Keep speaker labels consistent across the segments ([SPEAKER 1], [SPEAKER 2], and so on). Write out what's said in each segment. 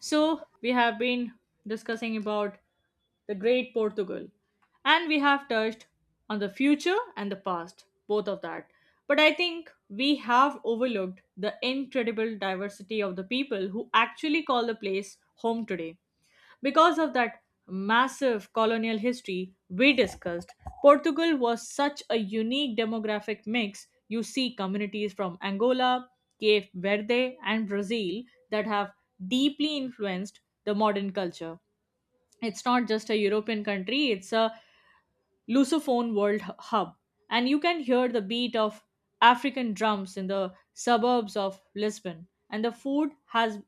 [SPEAKER 1] So, we have been discussing about the great Portugal, and we have touched on the future and the past, both of that. But I think we have overlooked the incredible diversity of the people who actually call the place home today. Because of that massive colonial history we discussed, Portugal was such a unique demographic mix. You see communities from Angola, Cape Verde, and Brazil that have deeply influenced the modern culture. It's not just a European country, it's a Lusophone World Hub, and you can hear the beat of African drums in the suburbs of Lisbon. And the food has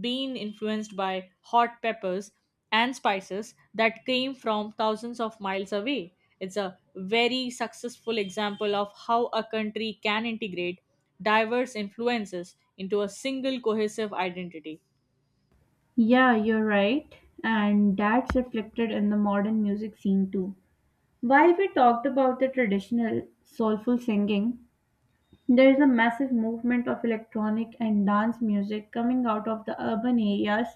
[SPEAKER 1] been influenced by hot peppers and spices that came from thousands of miles away. It's a very successful example of how a country can integrate diverse influences into a single cohesive identity.
[SPEAKER 2] Yeah, you're right. And that's reflected in the modern music scene too. While we talked about the traditional soulful singing, there is a massive movement of electronic and dance music coming out of the urban areas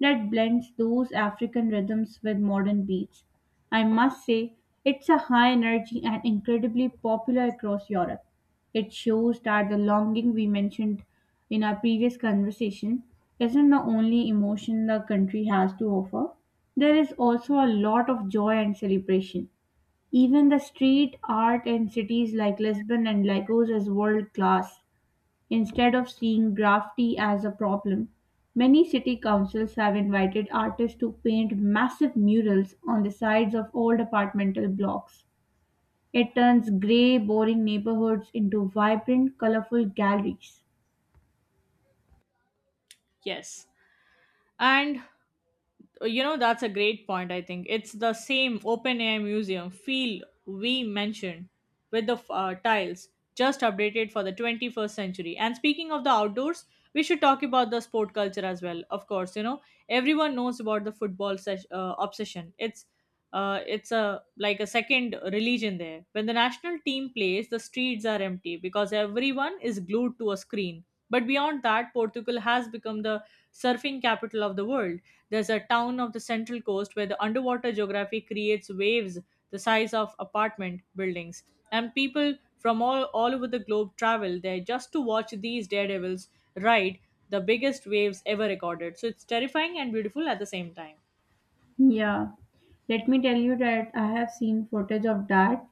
[SPEAKER 2] that blends those African rhythms with modern beats. I must say, it's a high energy and incredibly popular across Europe. It shows that the longing we mentioned in our previous conversation isn't the only emotion the country has to offer. There is also a lot of joy and celebration even the street art in cities like Lisbon and Lagos is world class. Instead of seeing graffiti as a problem, many city councils have invited artists to paint massive murals on the sides of old apartmental blocks. It turns grey, boring neighborhoods into vibrant, colorful galleries.
[SPEAKER 1] Yes. And you know, that's a great point. I think it's the same OpenAI museum feel we mentioned with the tiles, just updated for the 21st century. And speaking of the outdoors, we should talk about the sport culture as well. Of course, you know, everyone knows about the football obsession. It's it's a like a second religion there. When the national team plays, the streets are empty because everyone is glued to a screen. But beyond that, Portugal has become the surfing capital of the world. There's a town of the Central Coast where the underwater geography creates waves the size of apartment buildings. And people from all over the globe travel there just to watch these daredevils ride the biggest waves ever recorded. So it's terrifying and beautiful at the same time.
[SPEAKER 2] Yeah, let me tell you that I have seen footage of that.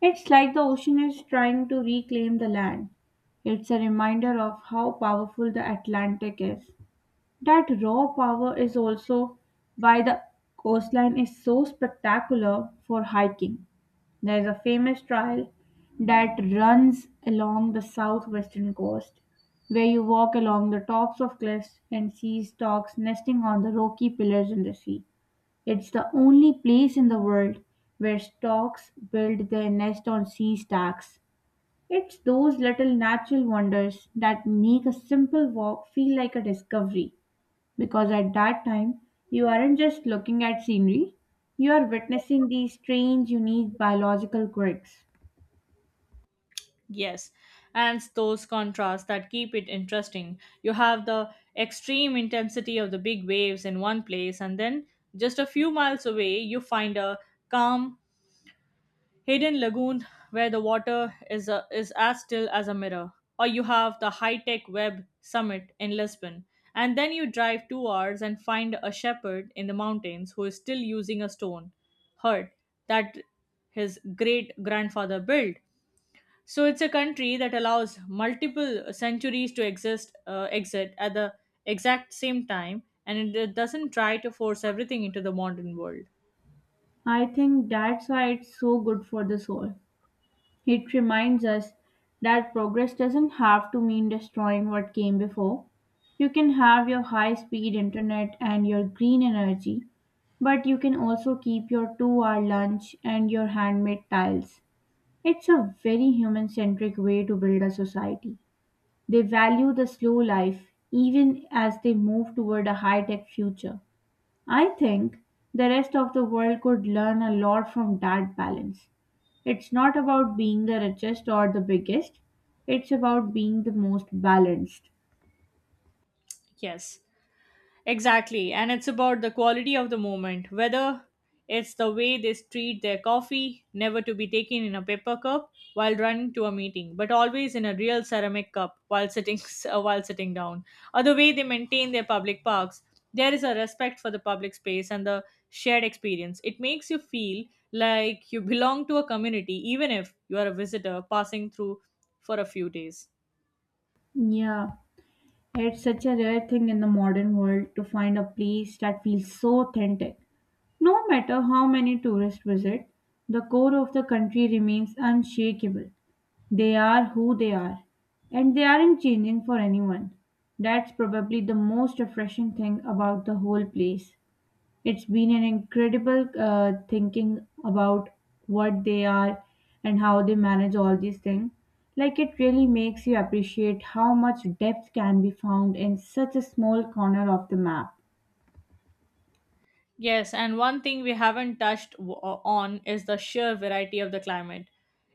[SPEAKER 2] It's like the ocean is trying to reclaim the land. It's a reminder of how powerful the Atlantic is. That raw power is also why the coastline is so spectacular for hiking. There is a famous trail that runs along the southwestern coast where you walk along the tops of cliffs and see storks nesting on the rocky pillars in the sea. It's the only place in the world where storks build their nest on sea stacks. It's those little natural wonders that make a simple walk feel like a discovery because at that time you aren't just looking at scenery, you are witnessing these strange, unique biological quirks.
[SPEAKER 1] Yes, and it's those contrasts that keep it interesting. You have the extreme intensity of the big waves in one place, and then just a few miles away, you find a calm hidden lagoon where the water is as still as a mirror. Or you have the high tech web summit in Lisbon. And then you drive 2 hours and find a shepherd in the mountains who is still using a stone hut that his great grandfather built. So it's a country that allows multiple centuries to exist, exit at the exact same time, and it doesn't try to force everything into the modern world.
[SPEAKER 2] I think that's why it's so good for the soul. It reminds us that progress doesn't have to mean destroying what came before. You can have your high speed internet and your green energy, but you can also keep your 2 hour lunch and your handmade tiles. It's a very human centric way to build a society. They value the slow life even as they move toward a high tech future. I think the rest of the world could learn a lot from that balance. It's not about being the richest or the biggest, it's about being the most balanced.
[SPEAKER 1] Yes. Exactly. And it's about the quality of the moment, whether it's the way they treat their coffee, never to be taken in a paper cup while running to a meeting, but always in a real ceramic cup while sitting while sitting down, or the way they maintain their public parks. There is a respect for the public space and the shared experience. It makes you feel like you belong to a community even if you are a visitor passing through for a few days.
[SPEAKER 2] Yeah, it's such a rare thing in the modern world to find a place that feels so authentic. No matter how many tourists visit, the core of the country remains unshakable. They are who they are, and they aren't changing for anyone. That's probably the most refreshing thing about the whole place. It's been an incredible thinking about what they are and how they manage all these things. Like it really makes you appreciate how much depth can be found in such a small corner of the map.
[SPEAKER 1] Yes, and one thing we haven't touched on is the sheer variety of the climate.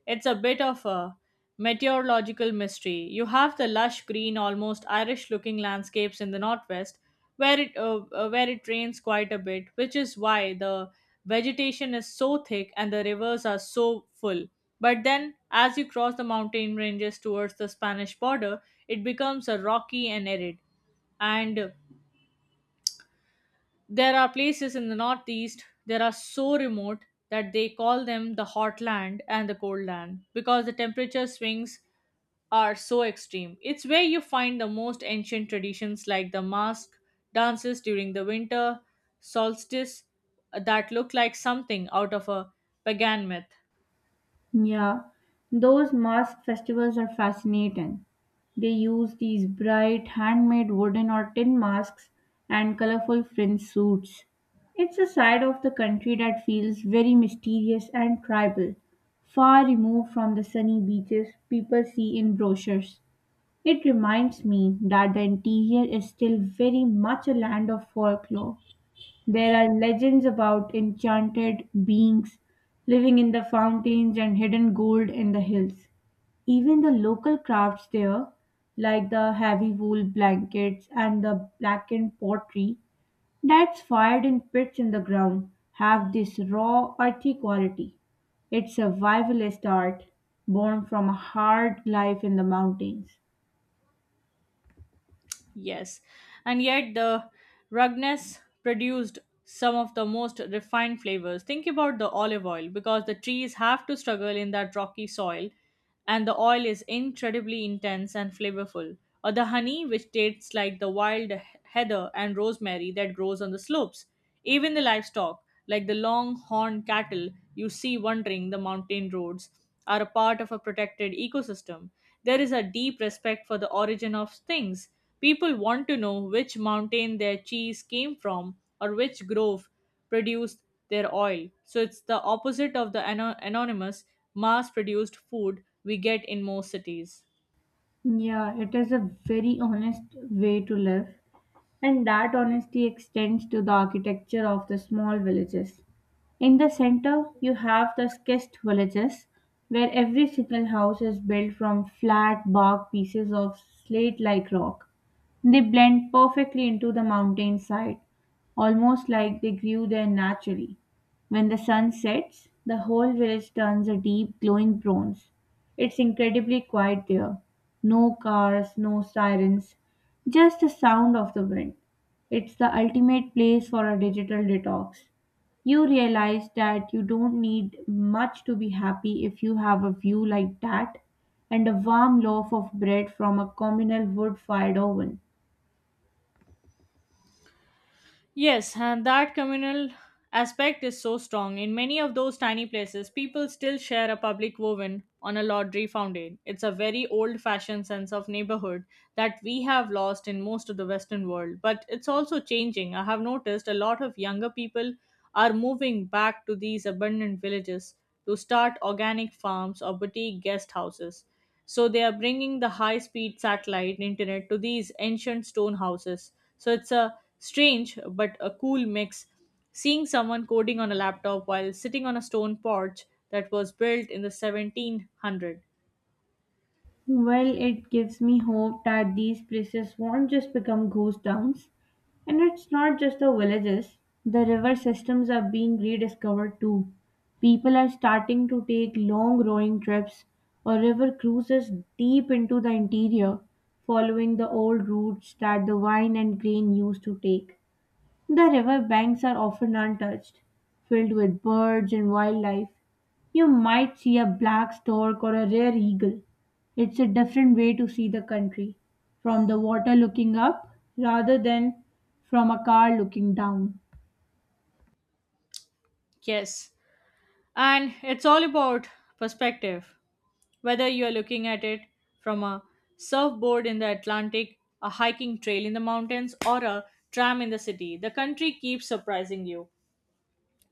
[SPEAKER 1] It's a bit of a meteorological mystery. You have the lush green, almost Irish looking landscapes in the northwest where it rains quite a bit, which is why the vegetation is so thick and the rivers are so full. But then as you cross the mountain ranges towards the Spanish border, it becomes a rocky and arid, and there are places in the Northeast that are so remote that they call them the hot land and the cold land because the temperature swings are so extreme. It's where you find the most ancient traditions like the mask dances during the winter solstice, that look like something out of a pagan myth.
[SPEAKER 2] Yeah, those mask festivals are fascinating. They use these bright, handmade wooden or tin masks and colorful fringe suits. It's a side of the country that feels very mysterious and tribal, far removed from the sunny beaches people see in brochures. It reminds me that the interior is still very much a land of folklore. There are legends about enchanted beings living in the fountains and hidden gold in the hills. Even the local crafts there, like the heavy wool blankets and the blackened pottery that's fired in pits in the ground, have this raw, earthy quality. It's survivalist art born from a hard life in the mountains.
[SPEAKER 1] Yes, and yet the ruggedness produced some of the most refined flavors. Think about the olive oil, because the trees have to struggle in that rocky soil, and the oil is incredibly intense and flavorful. Or the honey, which tastes like the wild heather and rosemary that grows on the slopes. Even the livestock, like the long horned cattle you see wandering the mountain roads, are a part of a protected ecosystem. There is a deep respect for the origin of things. People want to know which mountain their cheese came from or which grove produced their oil. So it's the opposite of the anonymous, mass produced food we get in most cities.
[SPEAKER 2] Yeah, it is a very honest way to live. And that honesty extends to the architecture of the small villages. In the center, you have the schist villages, where every single house is built from flat bark pieces of slate like rock. They blend perfectly into the mountainside, almost like they grew there naturally. When the sun sets, the whole village turns a deep glowing bronze. It's incredibly quiet there. No cars, no sirens, just the sound of the wind. It's the ultimate place for a digital detox. You realize that you don't need much to be happy if you have a view like that and a warm loaf of bread from a communal wood fired oven.
[SPEAKER 1] Yes, and that communal aspect is so strong. In many of those tiny places, people still share a public woven on a lottery fountain. It's a very old fashioned sense of neighborhood that we have lost in most of the Western world, but it's also changing. I have noticed a lot of younger people are moving back to these abandoned villages to start organic farms or boutique guest houses. So they are bringing the high speed satellite internet to these ancient stone houses. So it's a strange but a cool mix. Seeing someone coding on a laptop while sitting on a stone porch that was built in the 1700.
[SPEAKER 2] Well, it gives me hope that these places won't just become ghost towns. And it's not just the villages, the river systems are being rediscovered too. People are starting to take long rowing trips or river cruises deep into the interior, following the old routes that the wine and grain used to take. The river banks are often untouched, filled with birds and wildlife, you might see a black stork or a rare eagle. It's a different way to see the country from the water looking up rather than from a car looking down.
[SPEAKER 1] Yes. And it's all about perspective. Whether you are looking at it from a surfboard in the Atlantic, a hiking trail in the mountains, or a tram in the city, the country keeps surprising you.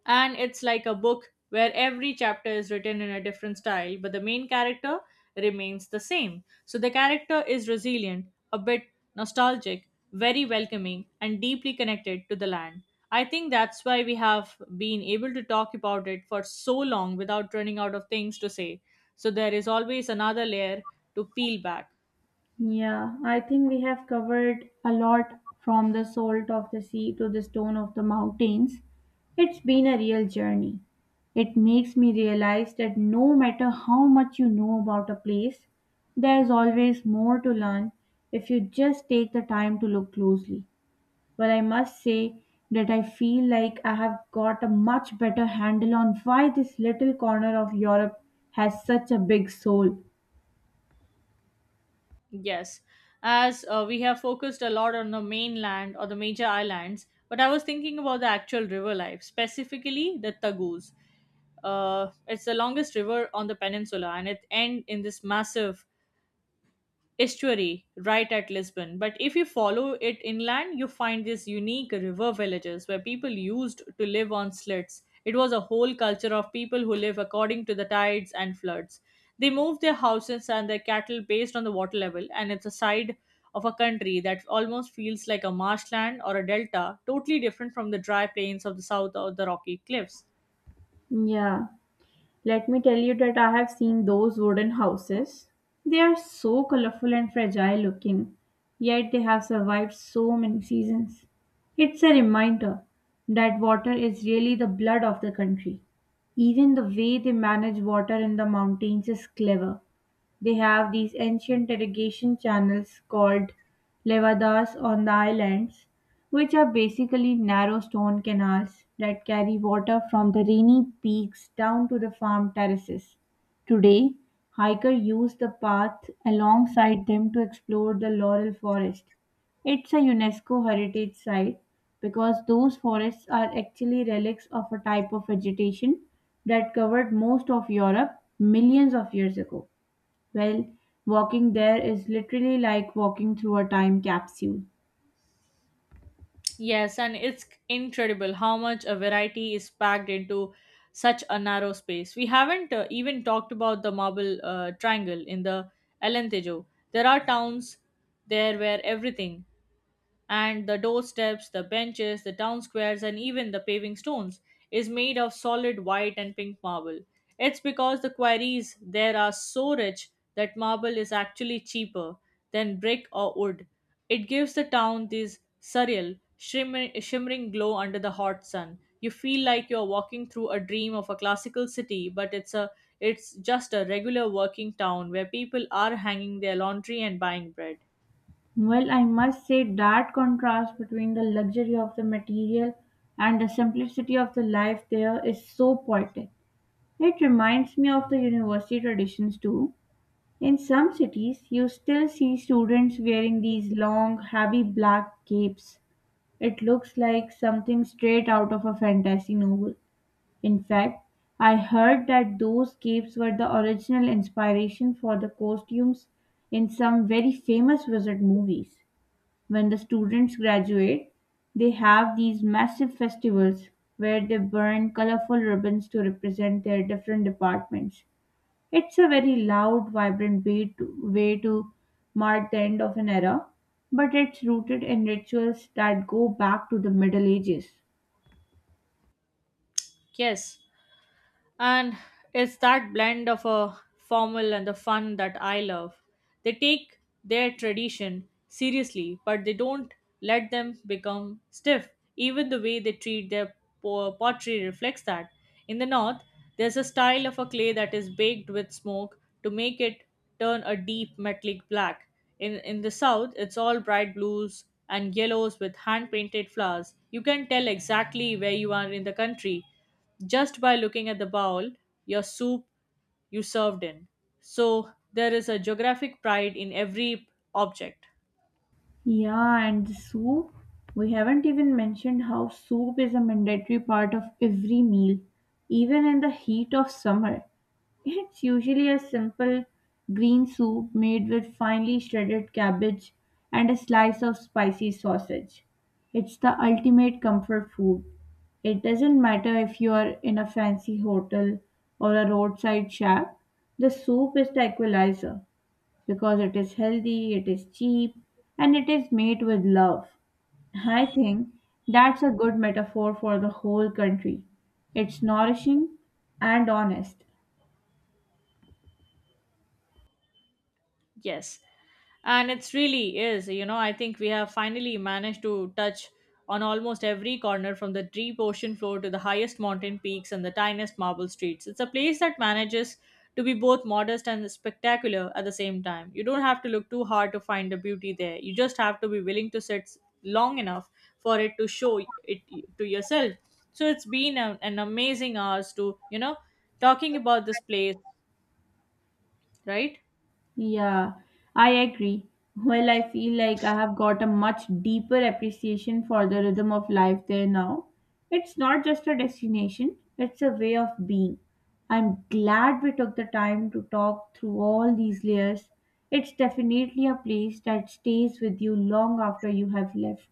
[SPEAKER 1] And it's like a book where every chapter is written in a different style, but the main character remains the same. So the character is resilient, a bit nostalgic, very welcoming, and deeply connected to the land. I think that's why we have been able to talk about it for so long without running out of things to say. So there is always another layer to peel back.
[SPEAKER 2] Yeah, I think we have covered a lot from the salt of the sea to the stone of the mountains. It's been a real journey. It makes me realize that no matter how much you know about a place, there's always more to learn if you just take the time to look closely. But I must say that I feel like I have got a much better handle on why this little corner of Europe has such a big soul.
[SPEAKER 1] Yes, as we have focused a lot on the mainland or the major islands, but I was thinking about the actual river life, specifically the Tagus. It's the longest river on the peninsula, and it ends in this massive estuary right at Lisbon. But if you follow it inland, you find these unique river villages where people used to live on slits. It was a whole culture of people who live according to the tides and floods. They moved their houses and their cattle based on the water level, and it's a side of a country that almost feels like a marshland or a delta, totally different from the dry plains of the south or the rocky cliffs.
[SPEAKER 2] Yeah, let me tell you that I have seen those wooden houses. They are so colorful and fragile looking, yet they have survived so many seasons. It's a reminder that water is really the blood of the country. Even the way they manage water in the mountains is clever. They have these ancient irrigation channels called levadas on the islands, which are basically narrow stone canals that carry water from the rainy peaks down to the farm terraces. Today, hikers use the path alongside them to explore the laurel forest. It's a UNESCO heritage site because those forests are actually relics of a type of vegetation that covered most of Europe millions of years ago. Well, walking there is literally like walking through a time capsule.
[SPEAKER 1] Yes, and it's incredible how much a variety is packed into such a narrow space. We haven't even talked about the marble triangle in the Alentejo. There are towns there where everything, and the doorsteps, the benches, the town squares, and even the paving stones, is made of solid white and pink marble. It's because the quarries there are so rich that marble is actually cheaper than brick or wood. It gives the town this surreal, shimmering glow under the hot sun. You feel like you're walking through a dream of a classical city, but it's a it's just a regular working town where people are hanging their laundry and buying bread.
[SPEAKER 2] Well, I must say that contrast between the luxury of the material and the simplicity of the life there is so poetic. It reminds me of the university traditions too. In some cities, you still see students wearing these long, heavy black capes. It looks like something straight out of a fantasy novel. In fact, I heard that those caves were the original inspiration for the costumes in some very famous wizard movies. When the students graduate, they have these massive festivals where they burn colorful ribbons to represent their different departments. It's a very loud, vibrant way to mark the end of an era, but it's rooted in rituals that go back to the Middle Ages.
[SPEAKER 1] Yes, and it's that blend of a formal and the fun that I love. They take their tradition seriously, but they don't let them become stiff. Even the way they treat their pottery reflects that. In the north, there's a style of a clay that is baked with smoke to make it turn a deep metallic black. In the south, it's all bright blues and yellows with hand painted flowers. You can tell exactly where you are in the country just by looking at the bowl your soup you served in. So there is a geographic pride in every object.
[SPEAKER 2] Yeah, and the soup. We haven't even mentioned how soup is a mandatory part of every meal, even in the heat of summer. It's usually a simple green soup made with finely shredded cabbage and a slice of spicy sausage. It's the ultimate comfort food. It doesn't matter if you are in a fancy hotel or a roadside shack, the soup is the equalizer because it is healthy, it is cheap, and it is made with love. I think that's a good metaphor for the whole country. It's nourishing and honest.
[SPEAKER 1] Yes. And it's really is, you know, I think we have finally managed to touch on almost every corner, from the deep ocean floor to the highest mountain peaks and the tiniest marble streets. It's a place that manages to be both modest and spectacular at the same time. You don't have to look too hard to find the beauty there. You just have to be willing to sit long enough for it to show it to yourself. So it's been a, an amazing hours to, you know, talking about this place, right?
[SPEAKER 2] Yeah, I agree. Well, I feel like I have got a much deeper appreciation for the rhythm of life there now. It's not just a destination, it's a way of being. I'm glad we took the time to talk through all these layers. It's definitely a place that stays with you long after you have left.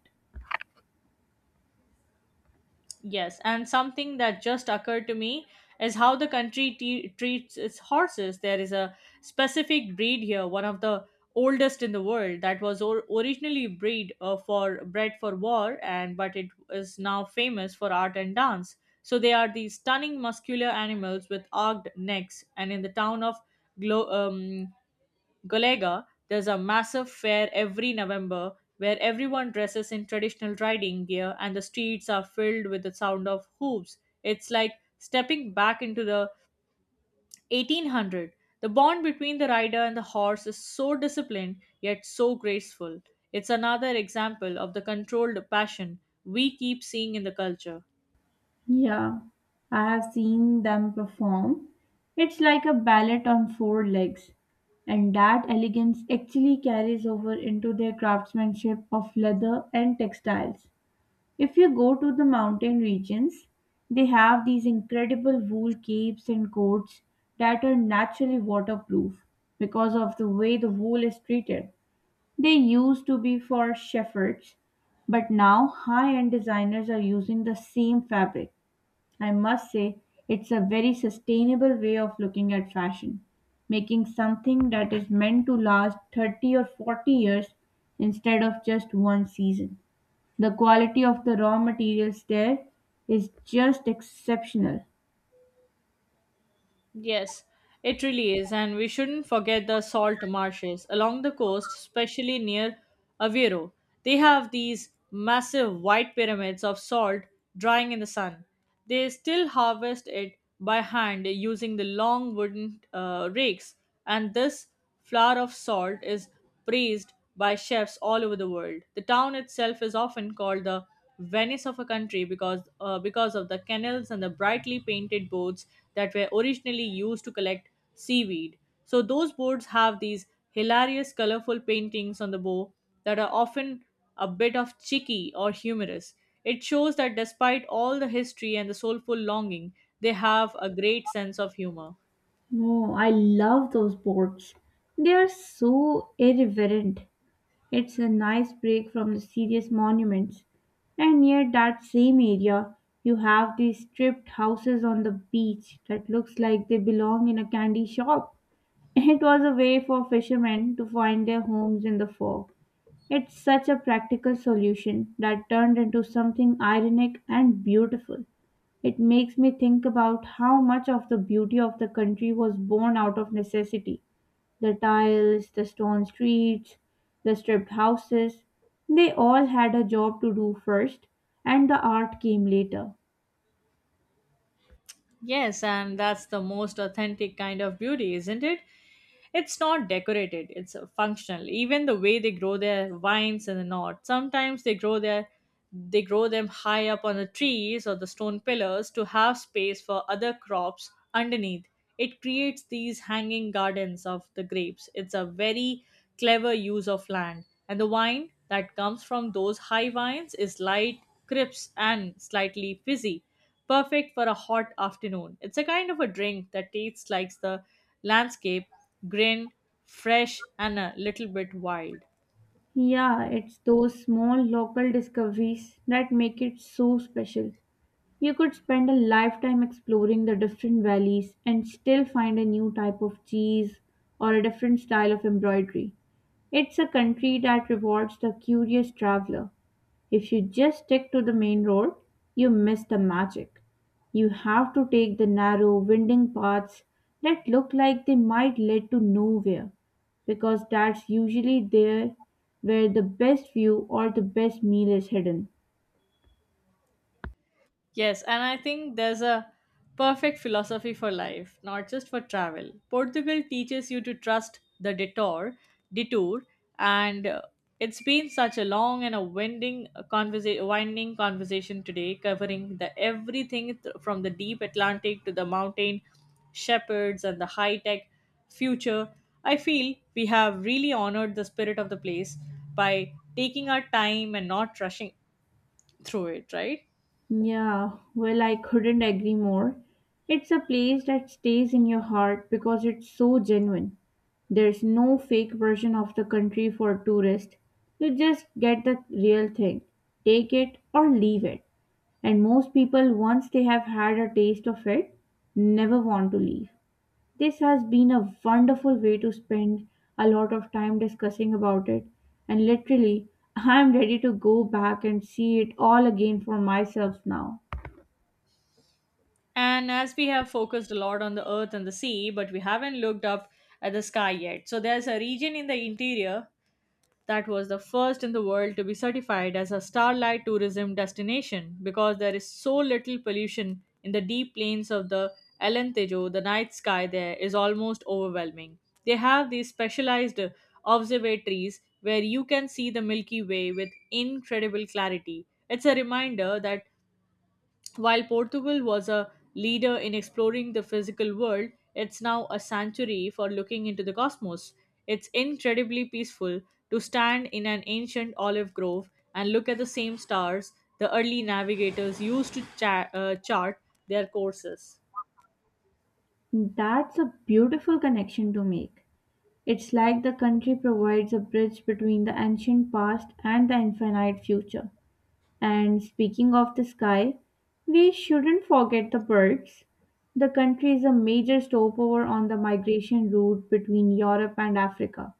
[SPEAKER 1] Yes, and something that just occurred to me is how the country treats its horses. There is a specific breed here, one of the oldest in the world, that was or- originally breed for bred for war, and but it is now famous for art and dance. So they are these stunning muscular animals with arched necks, and in the town of Glo- um, Golega, there's a massive fair every November where everyone dresses in traditional riding gear and the streets are filled with the sound of hooves. It's like stepping back into the 1800. The bond between the rider and the horse is so disciplined yet so graceful. It's another example of the controlled passion we keep seeing in the culture.
[SPEAKER 2] Yeah, I have seen them perform. It's like a ballet on four legs, and that elegance actually carries over into their craftsmanship of leather and textiles. If you go to the mountain regions, they have these incredible wool capes and coats that are naturally waterproof because of the way the wool is treated. They used to be for shepherds, but now high end designers are using the same fabric I must say it's a very sustainable way of looking at fashion, making something that is meant to last 30 or 40 years instead of just one season. The quality of the raw materials there is just exceptional.
[SPEAKER 1] Yes, it really is, and we shouldn't forget the salt marshes along the coast, especially near Aveiro. They have these massive white pyramids of salt drying in the sun. They still harvest it by hand using the long wooden rakes, and this flour of salt is praised by chefs all over the world. The town itself is often called the Venice of a country because of the canals and the brightly painted boats that were originally used to collect seaweed. So those boats have these hilarious colorful paintings on the bow that are often a bit of cheeky or humorous. It shows that despite all the history and the soulful longing, they have a great sense of humor.
[SPEAKER 2] No, I love those boards. They are so irreverent. It's a nice break from the serious monuments. And near that same area, you have these stripped houses on the beach that looks like they belong in a candy shop. It was a way for fishermen to find their homes in the fog. It's such a practical solution that turned into something ironic and beautiful. It makes me think about how much of the beauty of the country was born out of necessity. The tiles, the stone streets, the stripped houses, they all had a job to do first, and the art came later.
[SPEAKER 1] Yes, and that's the most authentic kind of beauty, isn't it? It's not decorated, it's functional. Even the way they grow their vines in the north, sometimes they grow them high up on the trees or the stone pillars to have space for other crops underneath. It creates these hanging gardens of the grapes. It's a very clever use of land. And the wine that comes from those high vines is light, crisp, and slightly fizzy perfect for a hot afternoon. It's a kind of a drink that tastes like the landscape, green, fresh, and a little bit wild.
[SPEAKER 2] Yeah, it's those small local discoveries that make it so special. You could spend a lifetime exploring the different valleys and still find a new type of cheese or a different style of embroidery. It's a country that rewards the curious traveler. If you just stick to the main road, you miss the magic. You have to take the narrow, winding paths that look like they might lead to nowhere, because that's usually there where the best view or the best meal is hidden.
[SPEAKER 1] Yes, and I think there's a perfect philosophy for life, not just for travel. Portugal teaches you to trust the detour, and it's been such a long and a winding conversation today, covering the everything from the deep Atlantic to the mountain shepherds and the high-tech future. I feel we have really honored the spirit of the place by taking our time and not rushing through it, right?
[SPEAKER 2] Yeah, well, I couldn't agree more. It's a place that stays in your heart because it's so genuine. There's no fake version of the country for tourists. You just get the real thing. Take it or leave it. And most people, once they have had a taste of it, never want to leave. This has been a wonderful way to spend a lot of time discussing about it. And literally, I'm ready to go back and see it all again for myself now.
[SPEAKER 1] And as we have focused a lot on the earth and the sea, but we haven't looked up at the sky yet. So there's a region in the interior that was the first in the world to be certified as a starlight tourism destination because there is so little pollution in the deep plains of the Alentejo, the night sky there is almost overwhelming. They have these specialized observatories where you can see the Milky Way with incredible clarity. It's a reminder that while Portugal was a leader in exploring the physical world, it's now a sanctuary for looking into the cosmos. It's incredibly peaceful to stand in an ancient olive grove and look at the same stars the early navigators used to chart their courses.
[SPEAKER 2] That's a beautiful connection to make. It's like the country provides a bridge between the ancient past and the infinite future. And speaking of the sky, we shouldn't forget the birds. The country is a major stopover on the migration route between Europe and Africa.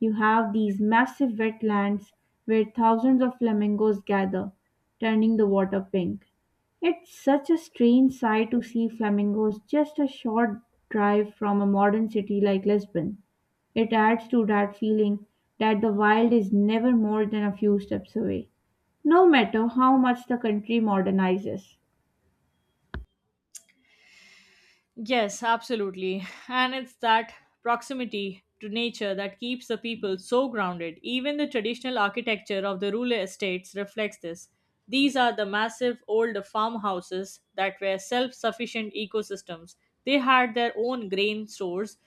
[SPEAKER 2] You have these massive wetlands where thousands of flamingos gather, turning the water pink. It's such a strange sight to see flamingos just a short drive from a modern city like Lisbon. It adds to that feeling that the wild is never more than a few steps away no matter how much the country modernizes.
[SPEAKER 1] Yes, absolutely. And it's that proximity to nature that keeps the people so grounded. Even the traditional architecture of the rural estates reflects this. These are the massive old farmhouses that were self sufficient ecosystems. They had their own grain stores,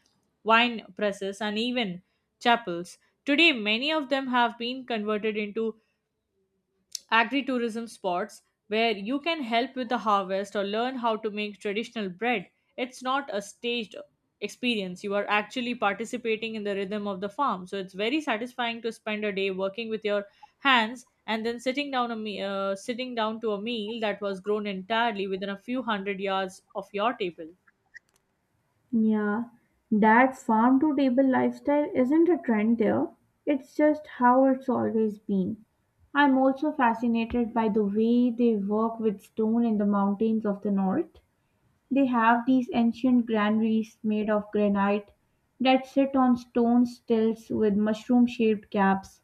[SPEAKER 1] wine presses, and even chapels. Today, many of them have been converted into Agri tourism spots where you can help with the harvest or learn how to make traditional bread. It's not a staged experience. You are actually participating in the rhythm of the farm. So it's very satisfying to spend a day working with your hands and then sitting down to a meal that was grown entirely within a few hundred yards of your table.
[SPEAKER 2] Yeah, that farm to table lifestyle isn't a trend there. It's just how it's always been. I'm also fascinated by the way they work with stone in the mountains of the north. They have these ancient granaries made of granite that sit on stone stilts with mushroom shaped caps.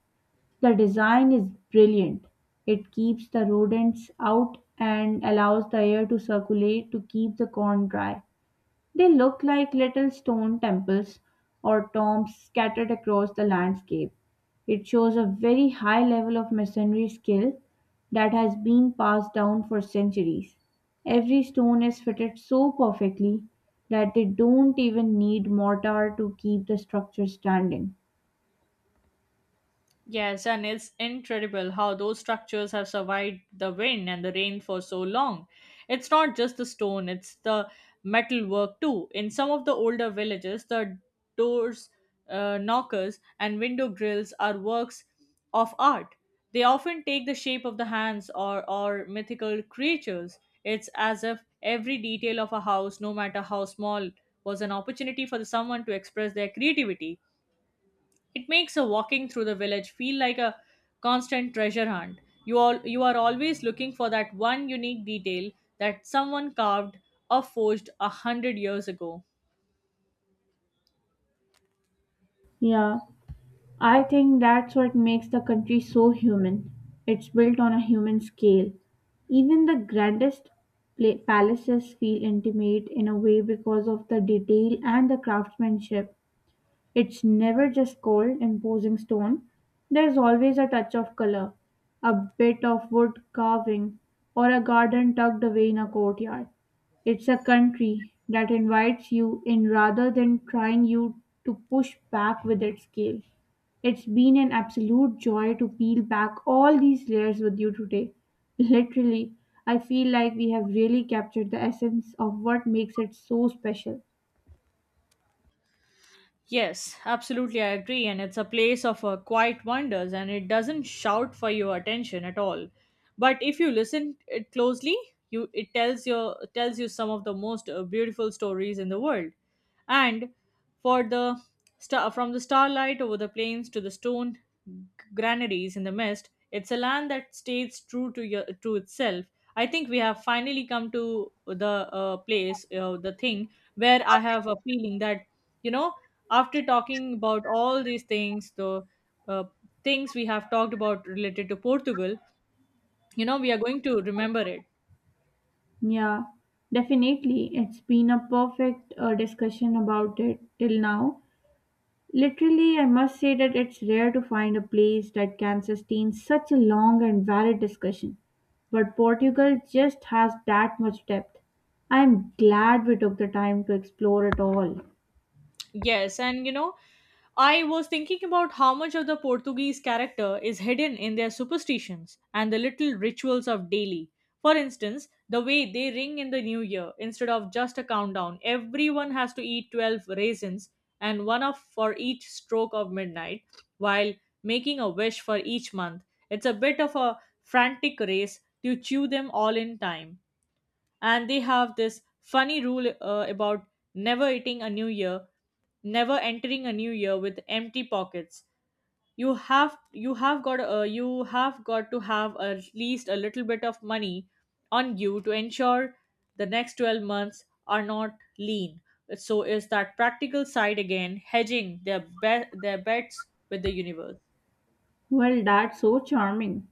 [SPEAKER 2] The design is brilliant. It keeps the rodents out and allows the air to circulate to keep the corn dry. They look like little stone temples or tombs scattered across the landscape. It shows a very high level of masonry skill that has been passed down for centuries. Every stone is fitted so perfectly that they don't even need mortar to keep the structure standing.
[SPEAKER 1] Yes, and it's incredible how those structures have survived the wind and the rain for so long. It's not just the stone, it's the metalwork too. In some of the older villages, the doors, knockers, and window grills are works of art. They often take the shape of the hands or mythical creatures. It's as if every detail of a house, no matter how small, was an opportunity for someone to express their creativity. It makes a walking through the village feel like a constant treasure hunt. You are always looking for that one unique detail that someone carved or forged a hundred years ago.
[SPEAKER 2] Yeah, I think that's what makes the country so human. It's built on a human scale. Even the grandest palaces feel intimate in a way because of the detail and the craftsmanship. It's never just cold, imposing stone. There's always a touch of color, a bit of wood carving, or a garden tucked away in a courtyard. It's a country that invites you in rather than trying you to push back with its scale. It's been an absolute joy to peel back all these layers with you today. Literally, I feel like we have really captured the essence of what makes it so special.
[SPEAKER 1] Yes, absolutely, I agree. And it's a place of quiet wonders, and it doesn't shout for your attention at all. But if you listen it closely, you it tells your tells you some of the most beautiful stories in the world. And for the star from the starlight over the plains to the stone granaries in the mist, it's a land that stays true to to itself. I think we have finally come to the place the thing where I have a feeling that you know after talking about all these things the uh, things we have talked about related to Portugal, you know we are going to remember it.
[SPEAKER 2] Yeah, definitely. It's been a perfect discussion about it till now. Literally, I must say that it's rare to find a place that can sustain such a long and varied discussion. But Portugal just has that much depth. I'm glad we took the time to explore it all.
[SPEAKER 1] Yes, and you know, I was thinking about how much of the Portuguese character is hidden in their superstitions and the little rituals of daily. For instance, the way they ring in the new year, instead of just a countdown, everyone has to eat 12 raisins and one of for each stroke of midnight while making a wish for each month. It's a bit of a frantic race to chew them all in time, and they have this funny rule about never eating a new year never entering a new year with empty pockets. You have got to have at least a little bit of money on you to ensure the next 12 months are not lean. So is that practical side again hedging their bets with the universe.
[SPEAKER 2] Well, that's so charming.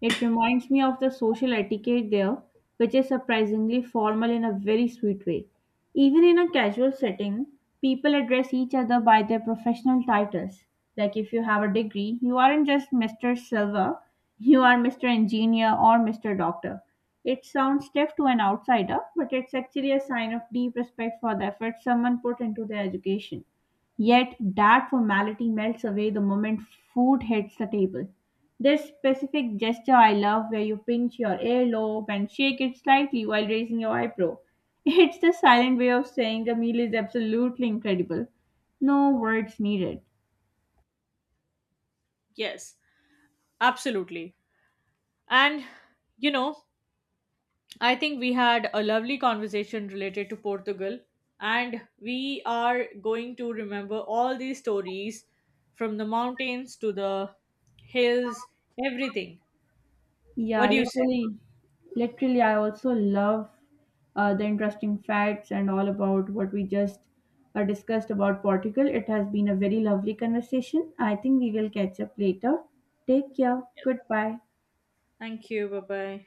[SPEAKER 2] It reminds me of the social etiquette there, which is surprisingly formal in a very sweet way. Even in a casual setting, people address each other by their professional titles. Like if you have a degree, you aren't just Mr. Silver, you are Mr. Engineer or Mr. Doctor. It sounds stiff to an outsider, but it's actually a sign of deep respect for the effort someone put into their education. Yet that formality melts away the moment food hits the table. This specific gesture I love where you pinch your earlobe and shake it slightly while raising your eyebrow. It's the silent way of saying the meal is absolutely incredible. No words needed.
[SPEAKER 1] Yes, absolutely, and you know, I think we had a lovely conversation related to Portugal, and we are going to remember all these stories from the mountains to the hills, everything.
[SPEAKER 2] Yeah,
[SPEAKER 1] What do you say?
[SPEAKER 2] literally. I also love the interesting facts and all about what we just discussed about Portugal. It has been a very lovely conversation. I think we will catch up later. Take care. Goodbye.
[SPEAKER 1] Thank you. Bye bye.